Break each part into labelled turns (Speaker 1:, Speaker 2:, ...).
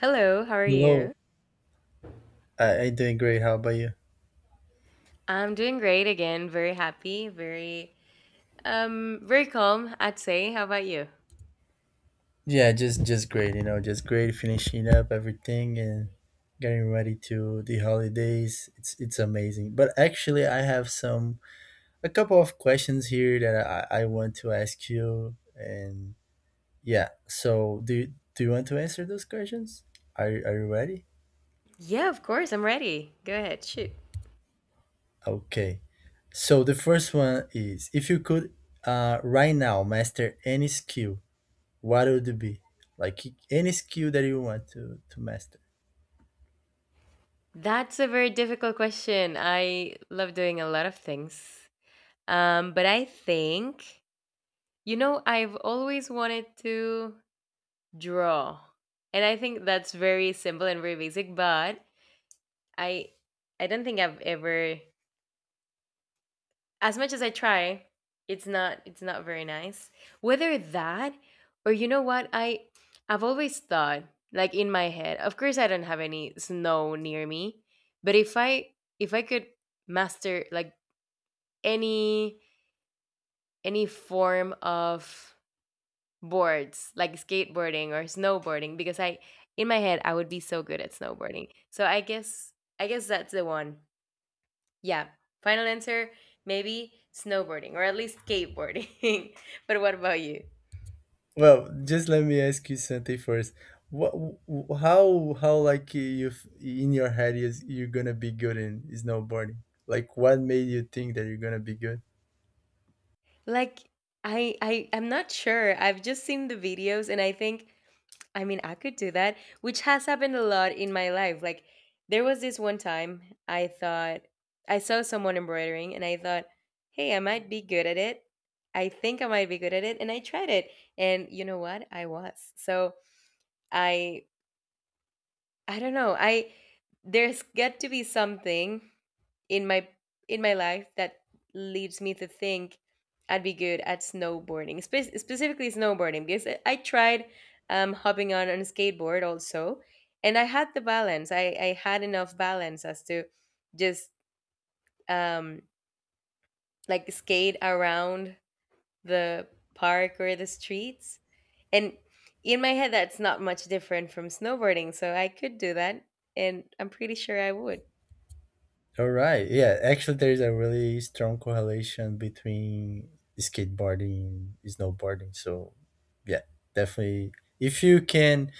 Speaker 1: Hello, how are
Speaker 2: Hello.
Speaker 1: you?
Speaker 2: I doing great. How about you?
Speaker 1: I'm doing great again. Very happy, very very calm, I'd say. How about you?
Speaker 2: Yeah, just great. You know, just great. Finishing up everything and getting ready to the holidays. It's amazing. But actually, I have some a couple of questions here that I want to ask you. And yeah, so do you want to answer those questions? Are you ready?
Speaker 1: Yeah, of course, I'm ready. Go ahead, shoot.
Speaker 2: Okay. So the first one is if you could right now master any skill, what would it be? Like any skill that you want to master.
Speaker 1: That's a very difficult question. I love doing a lot of things. But I think you know, I've always wanted to draw. And I think that's very simple and very basic, but I don't think I've ever, as much as I try, it's not very nice. Whether that, or you know what, I I've always thought, like, in my head. Of course I don't have any snow near me, but if I could master, like, any any form of boards, like skateboarding or snowboarding, because I, in my head, I would be so good at snowboarding. So I guess that's the one. Yeah, final answer, maybe snowboarding or at least skateboarding. But what about you?
Speaker 2: Well, just let me ask you something first. What, how like in your head is you're gonna be good in snowboarding? Like, what made you think that you're gonna be good?
Speaker 1: Like, I'm not sure. I've just seen the videos and I think, I mean, I could do that, which has happened a lot in my life. Like, there was this one time I thought, I saw someone embroidering, and I thought, "Hey, I might be good at it." I think I might be good at it, and I tried it. And you know what? I was. So, I I don't know. I There's got to be something in my life that leads me to think I'd be good at snowboarding, specifically snowboarding, because I tried hopping on a skateboard also, and I had the balance. I had enough balance as to just um, like skate around the park or the streets. And in my head, that's not much different from snowboarding, so I could do that, and I'm pretty sure I would.
Speaker 2: All right. Yeah, actually, there's a really strong correlation between skateboarding and snowboarding. So, yeah, definitely. If you can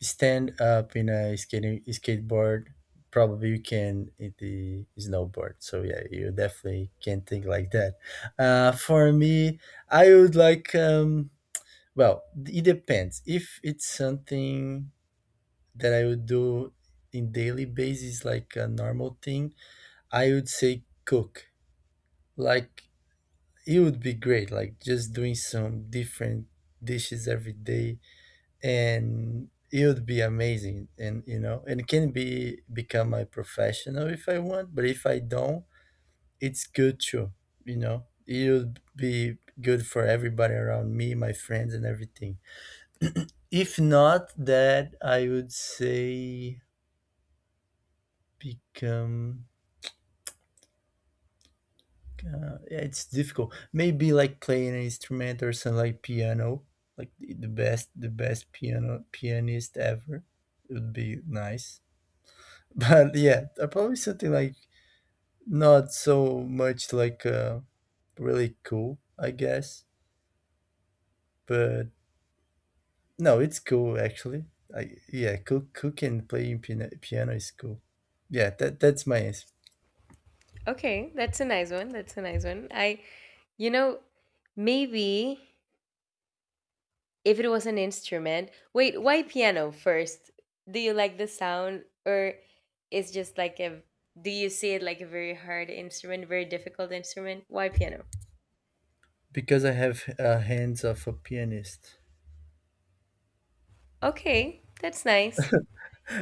Speaker 2: stand up in a skating skateboard, probably you can in the snowboard. So, yeah, you definitely can think like that. For me, I would like, well, it depends. If it's something that I would do in daily basis, like a normal thing, I would say cook. Like, it would be great, like just doing some different dishes every day, and it would be amazing, and you know, and it can be become my professional if I want, but if I don't, it's good too, you know. It would be good for everybody around me, my friends and everything. If not that, I would say become. Yeah, it's difficult. Maybe like playing an instrument or something like piano, like the best piano pianist ever. It would be nice. But yeah, probably something like not so much like really cool, I guess. But no, it's cool actually. I, yeah, cook and playing piano, is cool. Yeah, that's my answer
Speaker 1: Okay, that's a nice one. That's a nice one. I You know, maybe if it was an instrument. Wait, why piano first? Do you like the sound, or it's just like a, do you see it like a very hard instrument, very difficult instrument? Why piano?
Speaker 2: because I have hands of a pianist.
Speaker 1: Okay, that's nice.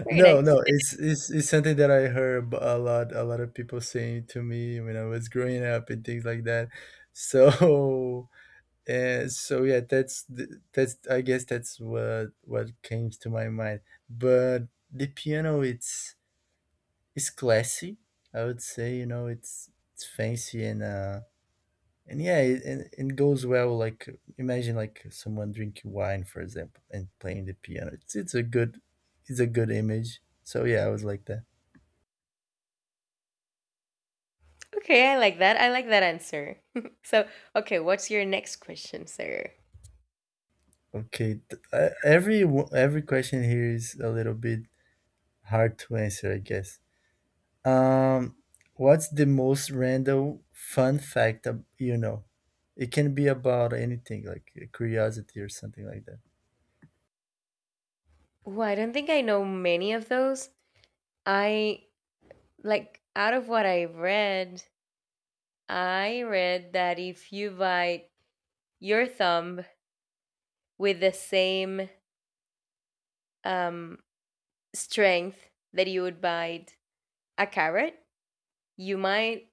Speaker 1: Very
Speaker 2: No, no,
Speaker 1: nice.
Speaker 2: it's something that I heard a lot of people saying to me when I was growing up and things like that. So and so yeah, that's, I guess that's what came to my mind. But the piano, it's classy, I would say, you know, it's fancy and yeah, and it goes well, like imagine like someone drinking wine for example and playing the piano. It's a good it's a good image. So yeah, I was like that.
Speaker 1: Okay, I like that. I like that answer. So, okay, what's your next question, Sarah?
Speaker 2: Okay, every every question here is a little bit hard to answer, I guess. Um, what's the most random fun fact you know? It can be about anything, like a curiosity or something like that.
Speaker 1: Well, I don't think I know many of those. I Like, out of what I read that if you buy your thumb with the same um, strength that you would bite a carrot, you might,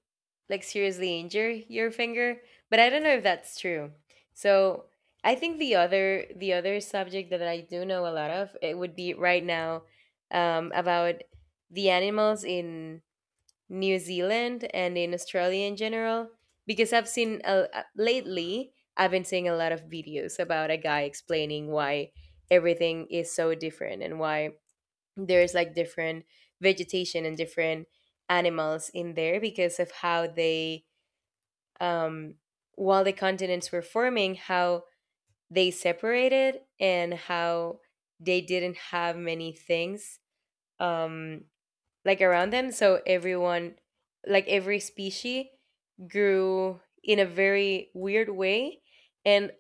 Speaker 1: like, seriously injure your finger. But I don't know if that's true. So I think the other, subject that I do know a lot of, it would be right now about the animals in New Zealand and in Australia in general, because I've seen a, lately I've been seeing a lot of videos about a guy explaining why everything is so different and why there's, like, different vegetation and different animals in there because of how they um while the continents were forming, how they separated, and how they didn't have many things um like around them. So everyone, like every species, grew in a very weird way. And,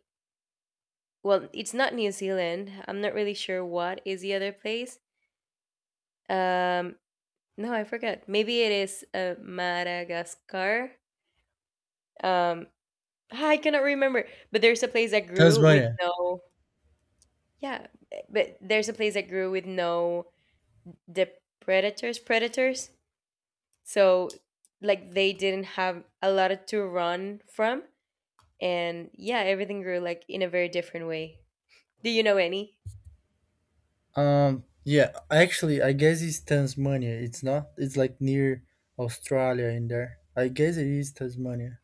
Speaker 1: well, it's not New Zealand. I'm not really sure what is the other place. Um, no, I forgot. Maybe it is Madagascar. Um, ah, I cannot remember. But there's a place that grew with
Speaker 2: Tasmania.
Speaker 1: no. Yeah, but there's a place that grew with no, the predators, so, like, they didn't have a lot to run from, and, yeah, everything grew like in a very different way. Do you know any?
Speaker 2: Yeah, actually, I guess it's Tasmania. It's not. It's like near Australia in there. I guess it is Tasmania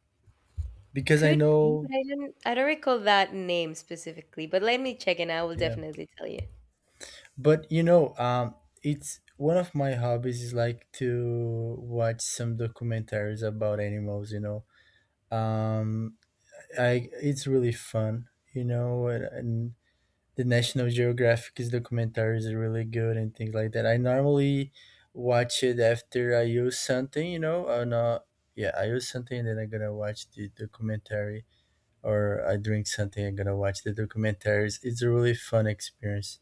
Speaker 2: because I
Speaker 1: Could be, but
Speaker 2: know.
Speaker 1: I don't recall that name specifically, but let me check and I will
Speaker 2: Yeah.
Speaker 1: definitely tell you.
Speaker 2: But you know, it's one of my hobbies is like to watch some documentaries about animals. You know, um, I, it's really fun. You know, and the National Geographic's documentaries are really good and things like that. I normally watch it after I use something. You know, or not. Yeah, I use something, and then I'm gonna watch the documentary, or I drink something, I gonna watch the documentaries. It's a really fun experience.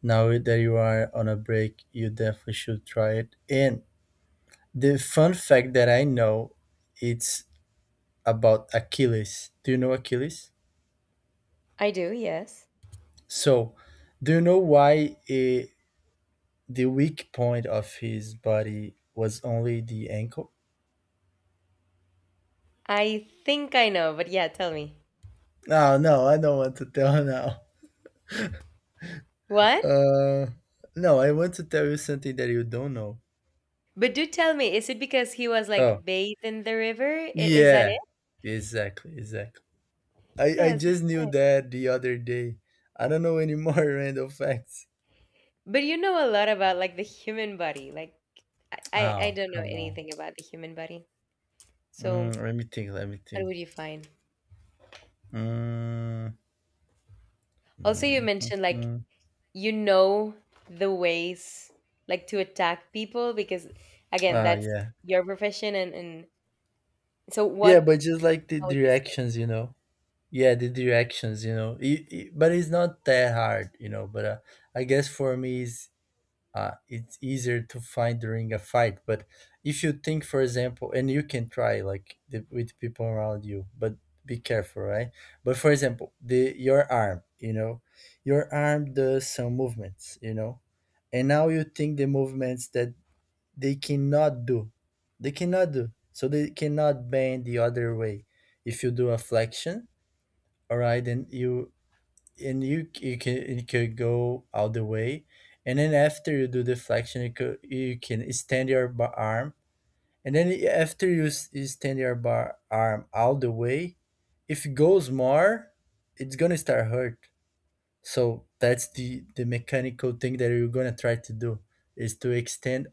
Speaker 2: Now that you are on a break, you definitely should try it. And the fun fact that I know, it's about Achilles. Do you know Achilles?
Speaker 1: I do, yes.
Speaker 2: So, do you know why the weak point of his body was only the ankle?
Speaker 1: I think I know, but yeah, tell me.
Speaker 2: No, no, I don't want to tell now.
Speaker 1: What?
Speaker 2: Uh, no, I want to tell you something that you don't know.
Speaker 1: But do tell me, is it because he was,
Speaker 2: Oh,
Speaker 1: like, bathed in the river? Is that
Speaker 2: yeah,
Speaker 1: it?
Speaker 2: exactly, exactly. I
Speaker 1: Yes.
Speaker 2: just knew that the other day. I don't know any more random facts.
Speaker 1: But you know a lot about, like, the human body, like, I
Speaker 2: Oh,
Speaker 1: don't know
Speaker 2: come on.
Speaker 1: anything about the human body, so
Speaker 2: Mm, let me think. Let me
Speaker 1: what
Speaker 2: think.
Speaker 1: would you find?
Speaker 2: Mm,
Speaker 1: Also, you
Speaker 2: mm, mm,
Speaker 1: mentioned, like,
Speaker 2: mm.
Speaker 1: you know, the ways, like, to attack people, because, again,
Speaker 2: Ah,
Speaker 1: that's
Speaker 2: yeah,
Speaker 1: your profession, and so
Speaker 2: yeah,
Speaker 1: what,
Speaker 2: but just like the
Speaker 1: how would you say?
Speaker 2: directions, you know. Yeah, the directions, you know. But it's not that hard, you know. But I guess for me, it's. It's easier to find during a fight. But if you think, for example, and you can try like with people around you, but be careful, right? But for example, the your arm, you know, your arm does some movements, you know, and now you think the movements that they cannot do, they cannot do, so they cannot bend the other way. If you do a flexion, all right, then you you can you could go all the way, and then after you do the flexion, you can extend your bar arm. And then after extend your bar arm all the way, if it goes more, it's gonna start hurt. So that's the mechanical thing that you're gonna try to do is to extend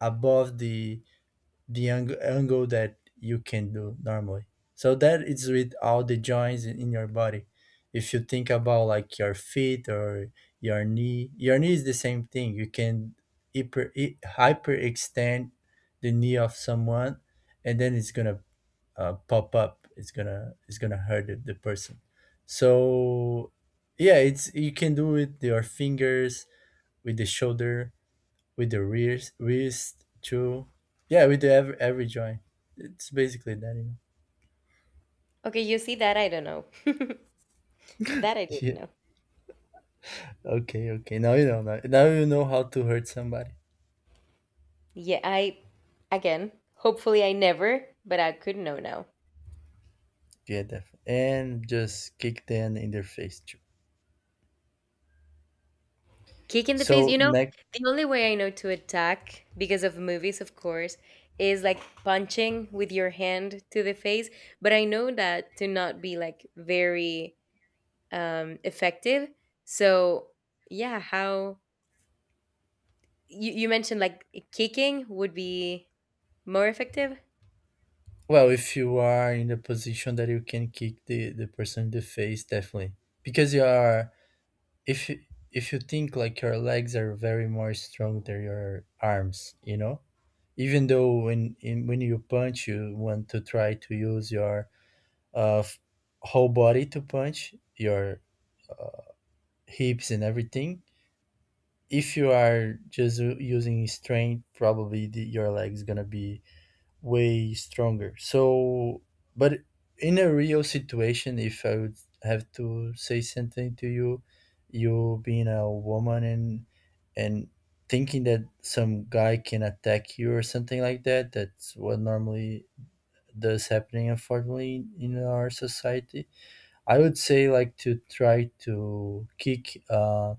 Speaker 2: above the angle that you can do normally. So that is with all the joints in your body. If you think about like your feet or your knee is the same thing. You can hyperextend the knee of someone, and then it's gonna pop up. It's gonna hurt the person. So yeah, it's, you can do it with your fingers, with the shoulder, with the wrist too. Yeah, with the every joint. It's basically that, you know.
Speaker 1: Okay, you see, that I don't know. That I didn't
Speaker 2: Yeah.
Speaker 1: know.
Speaker 2: Okay. Okay. Now you know. Now you know how to hurt somebody.
Speaker 1: Yeah, I again, hopefully I never, but I could know now.
Speaker 2: Yeah, definitely. And just kick them in their face too.
Speaker 1: Kick in the face,
Speaker 2: So
Speaker 1: you know.
Speaker 2: next,
Speaker 1: The only way I know to attack, because of movies of course, is like punching with your hand to the face, but I know that to not be like very effective. So, yeah, how, you mentioned, like, kicking would be more effective.
Speaker 2: well, if you are in the position that you can kick the person in the face, definitely, because you are, if you, if you think like your legs are very more strong than your arms, you know, even though when you punch you want to try to use your uh, f- whole body to punch your uh, hips and everything. If you are just using strength, probably your legs gonna be way stronger. So, but in a real situation, if I would have to say something to you, you being a woman, and thinking that some guy can attack you or something like that, that's what normally does happening unfortunately in our society. I would say like to try to kick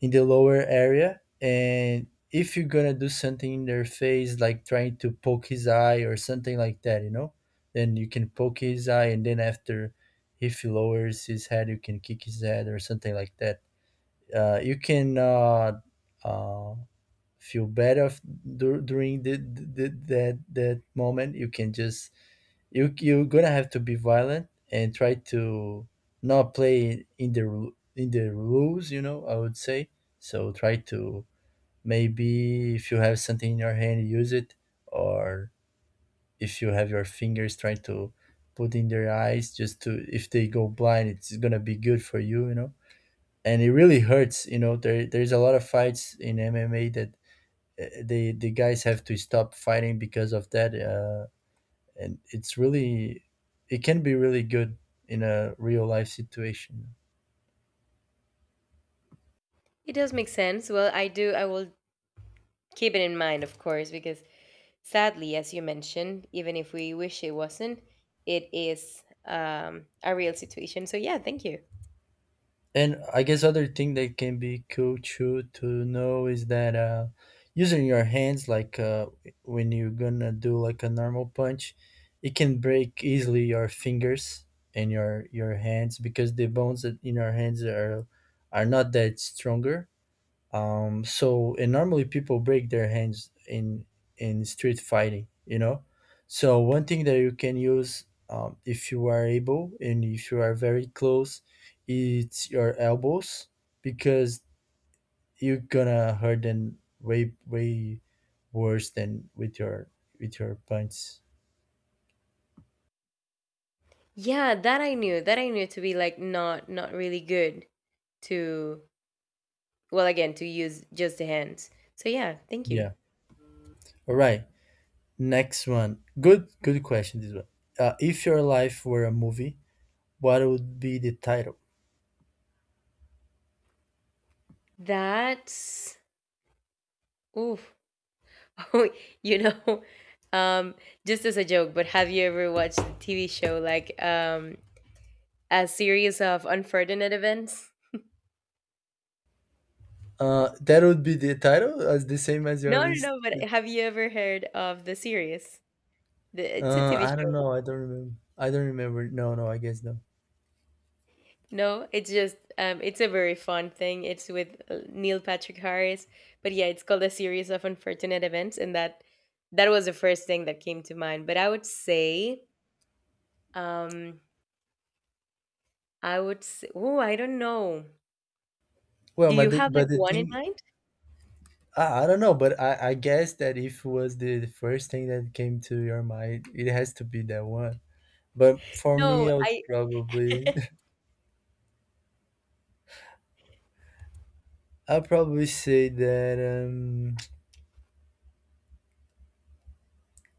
Speaker 2: in the lower area, and if you're gonna do something in their face, like trying to poke his eye or something like that, you know, then you can poke his eye, and then after, if he lowers his head, you can kick his head or something like that. Uh, you can uh, uh, feel better during that that moment, you can just, you're gonna have to be violent and try to not play in the in the rules, you know, I would say. So try to, maybe if you have something in your hand, use it, or if you have your fingers, try to put in their eyes, just to, if they go blind, it's gonna be good for you, you know. And it really hurts, you know. There's a lot of fights in MMA that the guys have to stop fighting because of that. And it's really, it can be really good in a real life situation.
Speaker 1: It does make sense. Well, I do. I will keep it in mind, of course, because, sadly, as you mentioned, even if we wish it wasn't, it is, a real situation. So yeah, thank you.
Speaker 2: And I guess other thing that can be cool too to know is that using your hands like when you're gonna do like a normal punch, it can break easily your fingers and your hands, because the bones that in our hands are not that stronger. So and normally people break their hands in street fighting, you know. So one thing that you can use, if you are able and if you are very close, it's your elbows, because you're gonna hurt them way worse than with your punches.
Speaker 1: Yeah, that I knew. That I knew to be like, not really good to, well, again, to use just the hands. So yeah, thank you.
Speaker 2: Yeah. All right. Next one. Good question. This one. If your life were a movie, what would be the title?
Speaker 1: That's, oof. You know, um, just as a joke, but have you ever watched the TV show, like, A Series of Unfortunate Events?
Speaker 2: That would be the title as the same as your
Speaker 1: No, no,
Speaker 2: list.
Speaker 1: no. But have you ever heard of the series? The, it's a TV
Speaker 2: I don't
Speaker 1: show.
Speaker 2: know. I don't remember. I don't remember. No, no. I guess no.
Speaker 1: No, it's just, it's a very fun thing. It's with Neil Patrick Harris, but yeah, it's called A Series of Unfortunate Events, and that, that was the first thing that came to mind. But um, I would say, oh, I don't know.
Speaker 2: Well,
Speaker 1: Do you have like
Speaker 2: but the
Speaker 1: one in
Speaker 2: thing,
Speaker 1: mind?
Speaker 2: I don't know. But I guess that if it was the first thing that came to your mind, it has to be that one. But for
Speaker 1: No,
Speaker 2: me, I would
Speaker 1: I
Speaker 2: probably, I'll probably say that.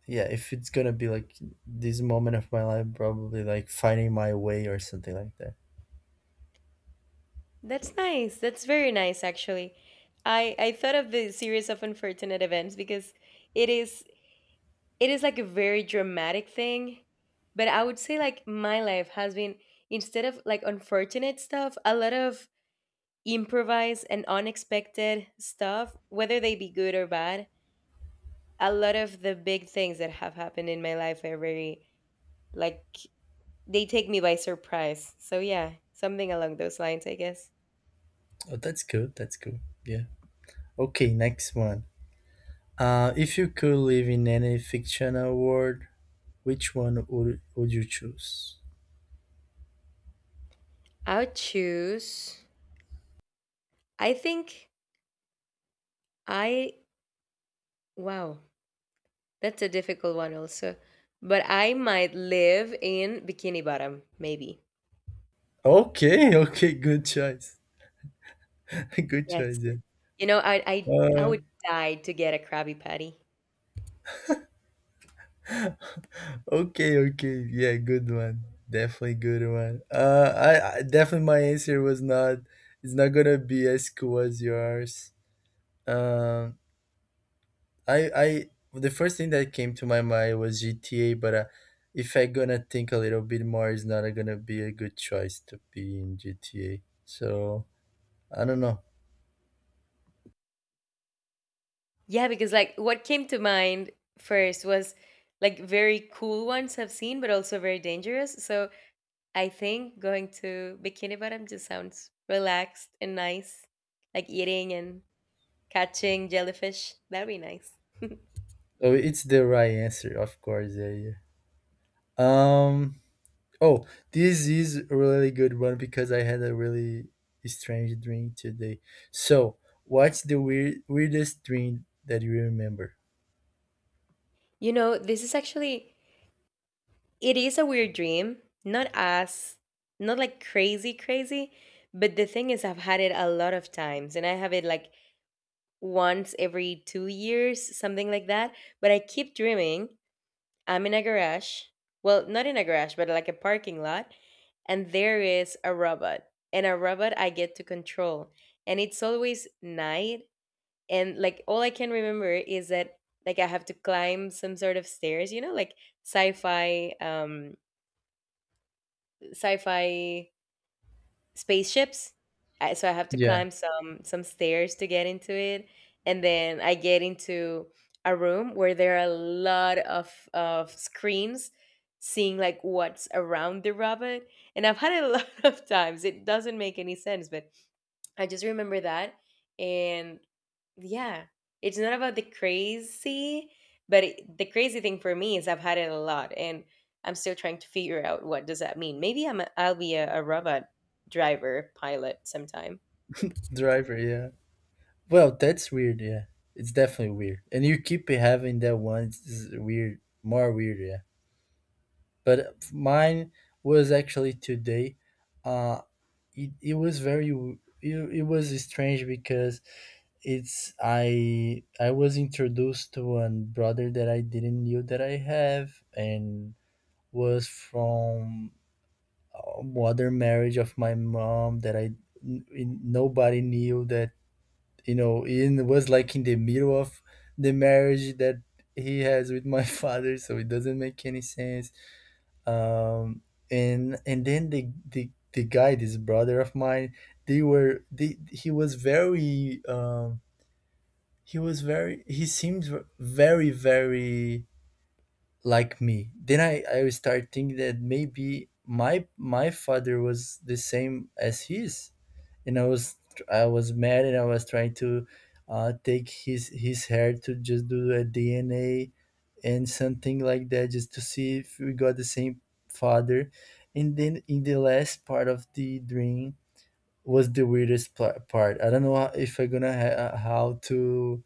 Speaker 2: Yeah, if it's gonna be like this moment of my life, probably like finding my way or something like that.
Speaker 1: That's nice. That's very nice, actually. I thought of the series of Unfortunate Events because it is it is like a very dramatic thing, but I would say like my life has been, instead of like unfortunate stuff, a lot of improvised and unexpected stuff, whether they be good or bad. A lot of the big things that have happened in my life are very, like, they take me by surprise. So yeah, something along those lines, I guess.
Speaker 2: Oh, that's good. That's good. Yeah. Okay, next one. If you could live in any fictional world, which one would you choose?
Speaker 1: I would choose. I think. I Wow, that's a difficult one also. But I might live in Bikini Bottom, maybe.
Speaker 2: Okay, okay, good choice. Good
Speaker 1: Yes.
Speaker 2: choice, yeah.
Speaker 1: You know, I
Speaker 2: Uh,
Speaker 1: would die to get a Krabby Patty.
Speaker 2: okay, okay, yeah, good one. Definitely good one. I definitely, my answer was not. It's not gonna be as cool as yours. Um, the first thing that came to my mind was GTA, but if I gonna think a little bit more, it's not gonna be a good choice to be in GTA. So I don't know.
Speaker 1: Yeah, because like what came to mind first was, like, very cool ones I've seen, but also very dangerous. So I think going to Bikini Bottom just sounds relaxed and nice, like eating and catching jellyfish. That'd be nice.
Speaker 2: Oh, it's the right answer, of course. Yeah, yeah. Um. Oh, this is a really good one because I had a really strange dream today. So, what's the weirdest dream that you remember?
Speaker 1: You know, this is actually, it is a weird dream, not as, not like crazy crazy, but the thing is I've had it a lot of times, and I have it like once every two years, something like that, but I keep dreaming I'm in a garage. Well, not in a garage, but like a parking lot, and there is a robot. And a robot I get to control. And it's always night, and like all I can remember is that, like, I have to climb some sort of stairs, you know, like sci-fi sci-fi spaceships. So I have to
Speaker 2: Yeah,
Speaker 1: climb some stairs to get into it, and then I get into a room where there are a lot of screens, seeing like what's around the robot. And I've had it a lot of times. It doesn't make any sense, but I just remember that, and yeah. It's not about the crazy, but it, the crazy thing for me is I've had it a lot, and I'm still trying to figure out what does that mean. Maybe I'm a, I'll be a robot driver pilot sometime.
Speaker 2: driver. Yeah. Well, that's weird. Yeah, it's definitely weird, and you keep having that one. It's weird, more weird. Yeah, but mine was actually today. Uh, it was very it was strange because it's I was introduced to a brother that I didn't knew that I have, and was from other marriage of my mom that I nobody knew that, you know, in was like in the middle of the marriage that he has with my father, so it doesn't make any sense. um and then the guy, this brother of mine, they were they he was very he was very, he seems very like me. Then I start thinking that maybe my father was the same as his. And I was mad, and I was trying to take his hair to just do a DNA and something like that, just to see if we got the same father. And then in the last part of the dream was the weirdest part. I don't know if I'm gonna how to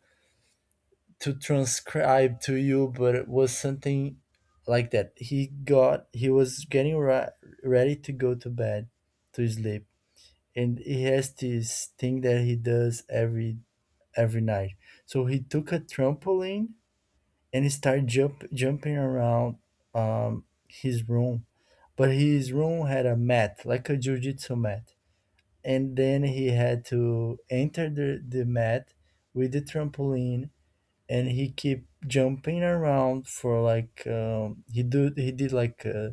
Speaker 2: transcribe to you, but it was something like that. He was getting ready to go to bed to sleep, and he has this thing that he does every night. So he took a trampoline and he started jumping around his room, but his room had a mat like a jujitsu mat, and then he had to enter the mat with the trampoline, and he keep jumping around for like he did like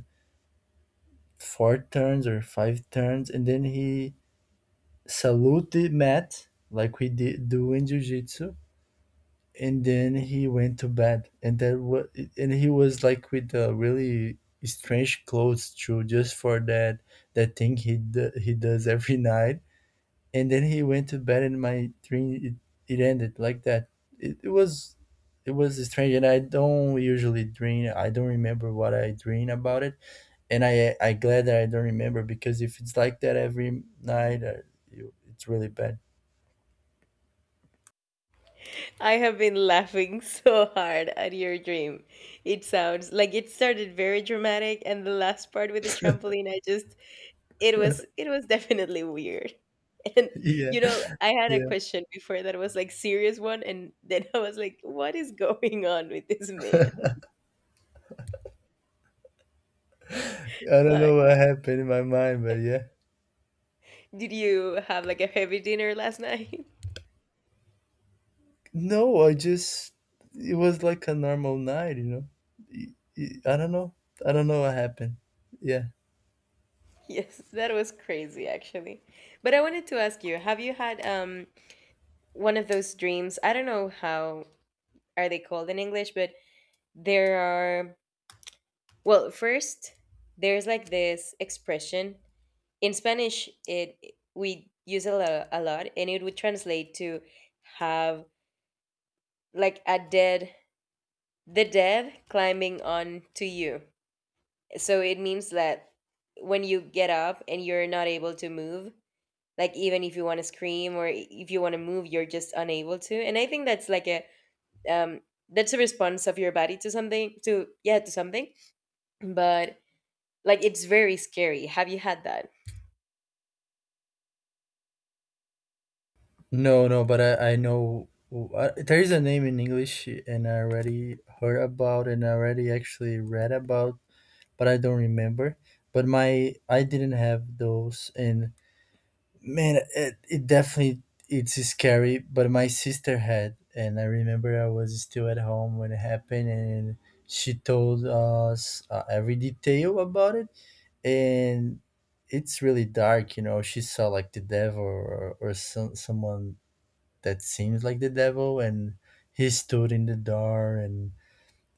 Speaker 2: four turns or five turns, and then he salute the mat like we did do in jiu-jitsu, and then he went to bed, and that was... And he was like with really strange clothes too, just for that thing he does every night. And then he went to bed, and my dream, it ended like that. it, it was it was strange, and I don't usually dream. I don't remember what I dream about it, and I glad that I don't remember, because if it's like that every night, it's really bad.
Speaker 1: I have been laughing so hard at your dream. It sounds like it started very dramatic, and the last part with the trampoline, I just, it was definitely weird. And
Speaker 2: Yeah,
Speaker 1: you know, I had a
Speaker 2: yeah,
Speaker 1: question before that was like serious one, and then I was like, what is going on with this man?
Speaker 2: I don't
Speaker 1: Uh,
Speaker 2: know what happened in my mind, but yeah.
Speaker 1: did you have like a heavy dinner last night?
Speaker 2: No, I just... it was like a normal night. I don't know. I don't know what happened. Yeah.
Speaker 1: Yes, that was crazy actually. But I wanted to ask you, have you had one of those dreams? I don't know how are they called in English, but there are, well, first, there's like this expression in Spanish, it we use a lot, and it would translate to, have like a dead, the dead climbing on to you. So it means that when you get up and you're not able to move, like even if you want to scream, or if you want to move, you're just unable to. And I think that's like a um that's a response of your body to something, to, yeah, to something. But like it's very scary. Have you had that?
Speaker 2: No, no, but I know, there is a name in English, and I already heard about, and I already actually read about, but I don't remember. But my I didn't have those, and man, it definitely, it's scary. But my sister had, and I remember I was still at home when it happened, and she told us every detail about it. And it's really dark, you know, she saw like the devil, or someone that seems like the devil. And he stood in the door and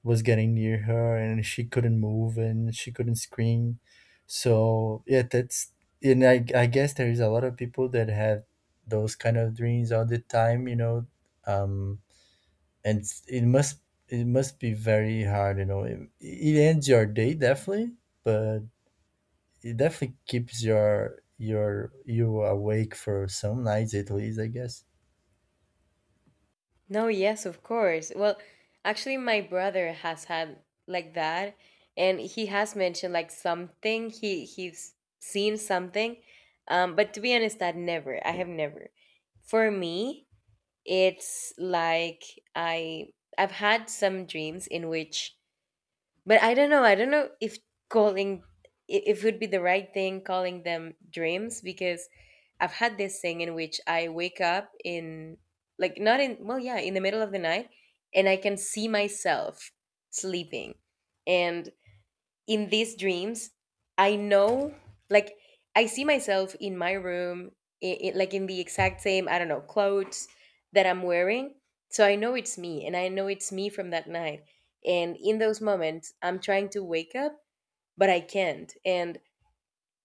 Speaker 2: was getting near her, and she couldn't move and she couldn't scream. So yeah, that's... And I guess there is a lot of people that have those kind of dreams all the time, you know. um and it must be very hard, you know. It ends your day, definitely. But it definitely keeps your you awake for some nights at least, I guess.
Speaker 1: No, yes, of course. Well, actually my brother has had like that and he has mentioned like something he's seen something but to be honest that never I have never for me. It's like I I've had some dreams in which but I don't know if calling if it would be the right thing calling them dreams because I've had this thing in which I wake up in like not in well yeah, in the middle of the night and I can see myself sleeping. And in these dreams I know, like I see myself in my room it, like in the exact same I don't know clothes that I'm wearing, so I know it's me and I know it's me from that night. And in those moments I'm trying to wake up but I can't. And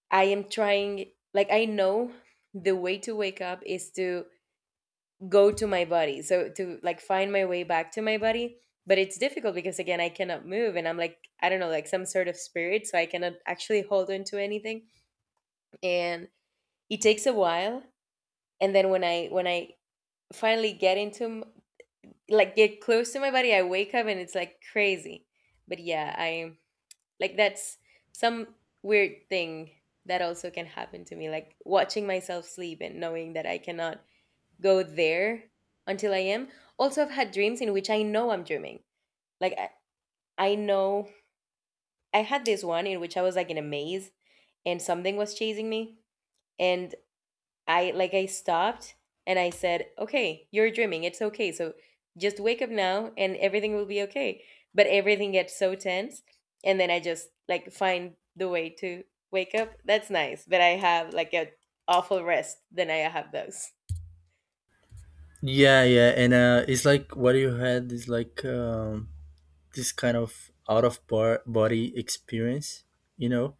Speaker 1: I am trying, like I know the way to wake up is to go to my body, so to like find my way back to my body, but it's difficult because again I cannot move and I'm like I don't know, like some sort of spirit, so I cannot actually hold on to anything. And it takes a while, and then when I finally get into like get close to my body I wake up and it's like crazy. But yeah, I like that's some weird thing that also can happen to me, like watching myself sleep and knowing that I cannot go there until I am. Also, I've had dreams in which I know I'm dreaming. Like, I, I know I had this one in which I was like in a maze and something was chasing me. And I, like, I stopped and I said, okay, you're dreaming. It's okay. So just wake up now and everything will be okay. But everything gets so tense. And then I just like find the way to wake up. That's nice. But I have like a awful rest. Then I have those.
Speaker 2: Yeah, yeah, and it's like what you had is like this kind of out of body experience, you know.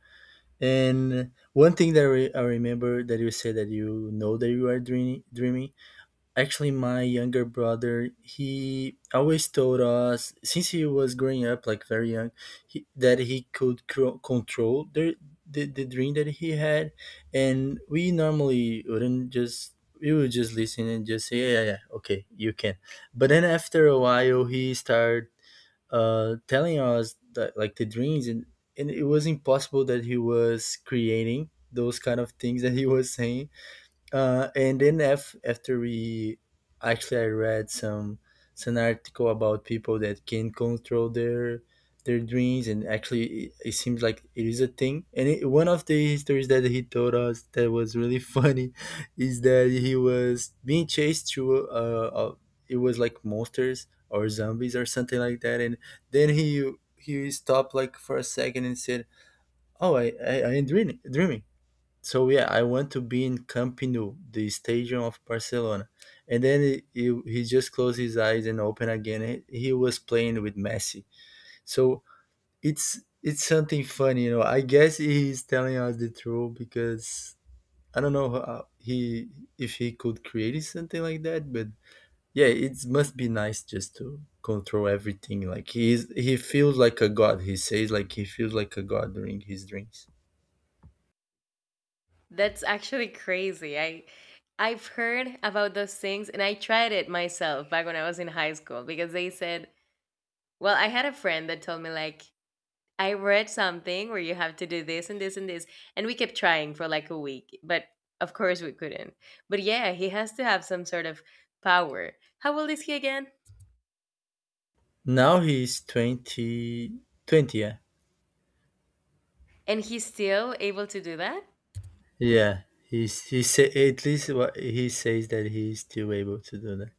Speaker 2: And one thing that I remember that you said that you know that you are dreaming, actually my younger brother, he always told us since he was growing up, like very young, that he could control the dream that he had. And we normally wouldn't just we would just listen and just say yeah, yeah, yeah, okay, you can. But then after a while he started telling us that, like, the dreams, and it was impossible that he was creating those kind of things that he was saying. And then after, we... actually I read some article about people that can control their dreams, and actually it seems like it is a thing. And one of the histories that he told us that was really funny is that he was being chased through it was like monsters or zombies or something like that. And then he stopped like for a second and said, oh, I am dreaming. So yeah, I want to be in Camp Nou, the stadium of Barcelona. And then he just closed his eyes and opened again. He was playing with Messi. So it's something funny, you know. I guess he's telling us the truth because I don't know how he if he could create something like that, but yeah, it must be nice just to control everything. He feels like a god. He says like he feels like a god during his dreams.
Speaker 1: That's actually crazy. I've heard about those things and I tried it myself back when I was in high school because they said, well, I had a friend that told me like I read something where you have to do this and this and this, and we kept trying for like a week, but of course we couldn't. But yeah, he has to have some sort of power. How old is he again?
Speaker 2: Now he's 20. Yeah.
Speaker 1: And he's still able to do that?
Speaker 2: Yeah, he say, at least what he says, that he's still able to do that.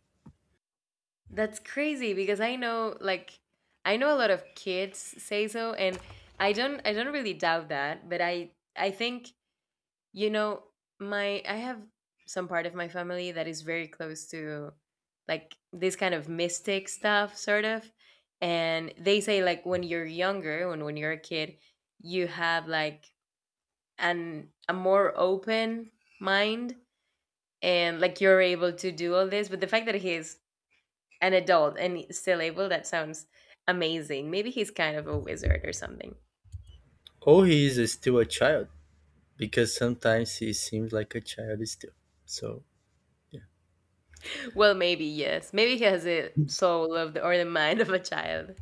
Speaker 1: That's crazy because I know, like I know a lot of kids say so, and I don't really doubt that, but I think, you know, my I have some part of my family that is very close to like this kind of mystic stuff sort of, and they say like when you're younger, when you're a kid, you have like an a more open mind and like you're able to do all this, but the fact that he's an adult and still able, that sounds amazing. Maybe he's kind of a wizard or something.
Speaker 2: Or he is still a child, because sometimes he seems like a child still. So...
Speaker 1: Well, maybe yes, maybe he has a soul of the or the mind of a child.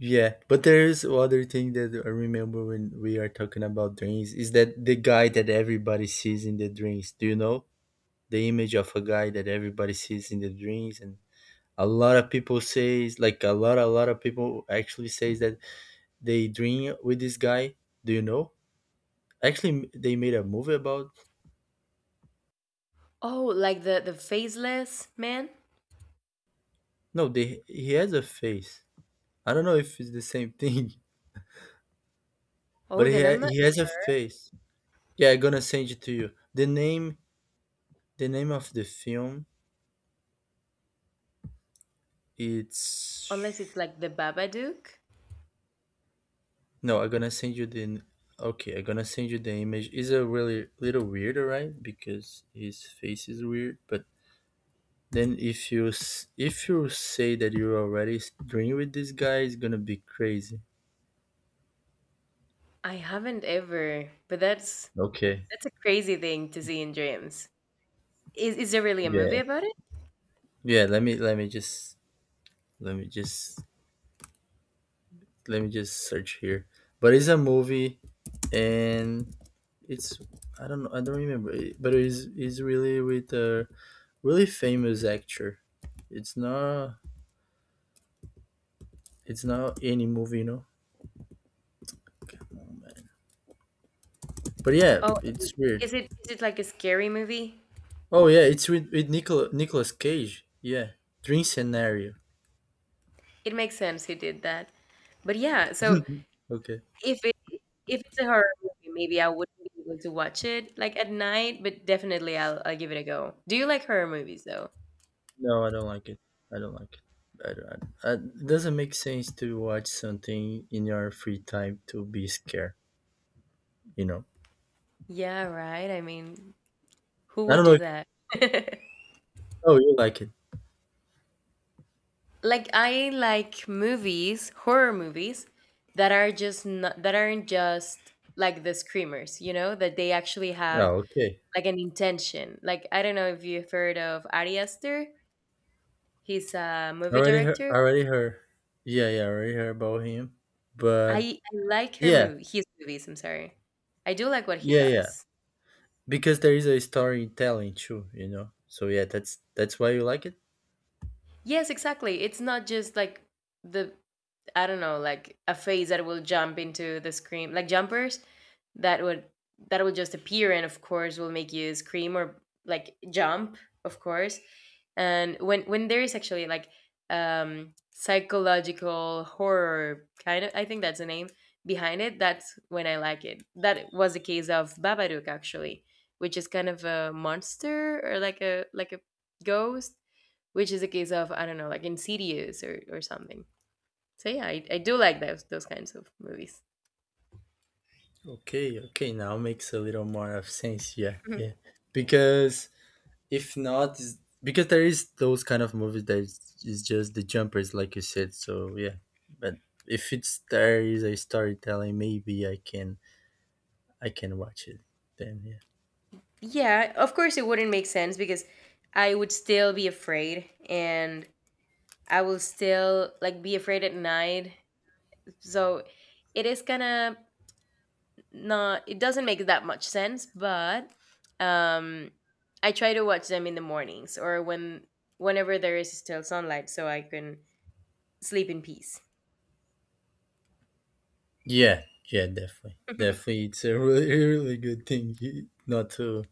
Speaker 2: Yeah, but there is other thing that I remember when we are talking about dreams is that the guy that everybody sees in the dreams. Do you know the image of a guy that everybody sees in the dreams, and a lot of people says, like, a lot of people actually says that they dream with this guy. Do you know? Actually, they made a movie about...
Speaker 1: Oh, like the faceless man.
Speaker 2: No, they he has a face. I don't know if it's the same thing, but
Speaker 1: Oh, then I'm not.
Speaker 2: he has a face. Yeah, I'm gonna send it to you. The name of the film, it's...
Speaker 1: Unless it's like the Babadook.
Speaker 2: No. I'm gonna send you the Okay, I'm gonna send you the image. It's a really little weird, alright? Because his face is weird. But then if you say that you're already dreaming with this guy, it's gonna be crazy.
Speaker 1: I haven't ever, but
Speaker 2: Okay.
Speaker 1: that's a crazy thing to see in dreams. Is there really a movie
Speaker 2: Yeah.
Speaker 1: about it?
Speaker 2: Yeah. Let me just Let me just search here. But it's a movie, and it's I don't know, I don't remember but it's really with a really famous actor. It's not it's not any movie, you know. Come on, man. But yeah,
Speaker 1: Oh,
Speaker 2: it's weird.
Speaker 1: is it, is it like a scary movie?
Speaker 2: Oh yeah, it's with Nicolas Cage. Yeah, Dream Scenario.
Speaker 1: It makes sense he did that. But yeah, so
Speaker 2: Okay.
Speaker 1: if If it's a horror movie, maybe I wouldn't be able to watch it like at night, but definitely I'll give it a go. Do you like horror movies though?
Speaker 2: No, I don't like it. I don't like it. I don't, I- It doesn't make sense to watch something in your free time to be scared. You know.
Speaker 1: Yeah, right. I mean, who
Speaker 2: I
Speaker 1: would
Speaker 2: don't
Speaker 1: do
Speaker 2: know.
Speaker 1: that?
Speaker 2: Oh, you like it?
Speaker 1: Like I like movies, horror movies that are just not that aren't just like the screamers, you know, that they actually have
Speaker 2: Oh, okay.
Speaker 1: like an intention. Like I don't know if you've heard of Ari Aster. He's a movie
Speaker 2: Already heard.
Speaker 1: director.
Speaker 2: Already heard. Yeah, yeah. Already heard about him. But
Speaker 1: I like her
Speaker 2: yeah,
Speaker 1: movie his movies, I'm sorry. I do like what he
Speaker 2: yeah, yeah.
Speaker 1: does.
Speaker 2: Because there is a storytelling too, you know. So yeah, that's why you like it.
Speaker 1: Yes, exactly. It's not just like the I don't know, like a face that will jump into the scream, like jumpers that would that will just appear and of course will make you scream or like jump, of course. And when there is actually like psychological horror kind of I think that's the name behind it, that's when I like it. That was the case of Babadook actually, which is kind of a monster or like a ghost, which is a case of I don't know, like Insidious or something. So yeah, I do like those kinds of movies.
Speaker 2: Okay, okay. Now makes a little more of sense. Yeah,
Speaker 1: Mhm.
Speaker 2: yeah. Because if not, because there is those kind of movies is just the jumpers, like you said. So yeah, but if it's there is a storytelling, maybe I can watch it. Then yeah.
Speaker 1: Yeah, of course it wouldn't make sense because I would still be afraid and I will still like be afraid at night. So it is kind of not it doesn't make that much sense, but um I try to watch them in the mornings or when whenever there is still sunlight so I can sleep in peace.
Speaker 2: Yeah, yeah, definitely, definitely. It's a really, really good thing not to.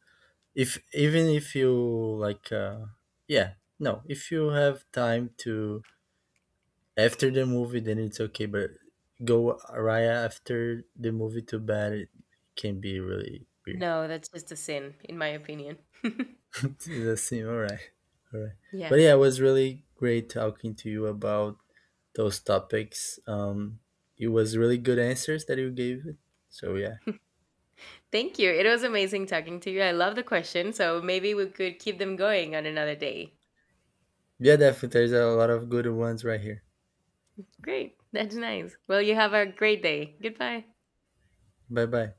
Speaker 2: If Even if you like, yeah, no, if you have time to after the movie, then it's okay. But go right after the movie to bed, it can be really weird.
Speaker 1: No, that's just a sin in my opinion.
Speaker 2: It seem all right, all right.
Speaker 1: Yeah.
Speaker 2: But yeah, it was really great talking to you about those topics. It was really good answers that you gave. It. So yeah.
Speaker 1: Thank you. It was amazing talking to you. I love the question. So maybe we could keep them going on another day.
Speaker 2: Yeah, definitely. There's a lot of good ones right here.
Speaker 1: Great. That's nice. Well, you have a great day. Goodbye.
Speaker 2: Bye bye.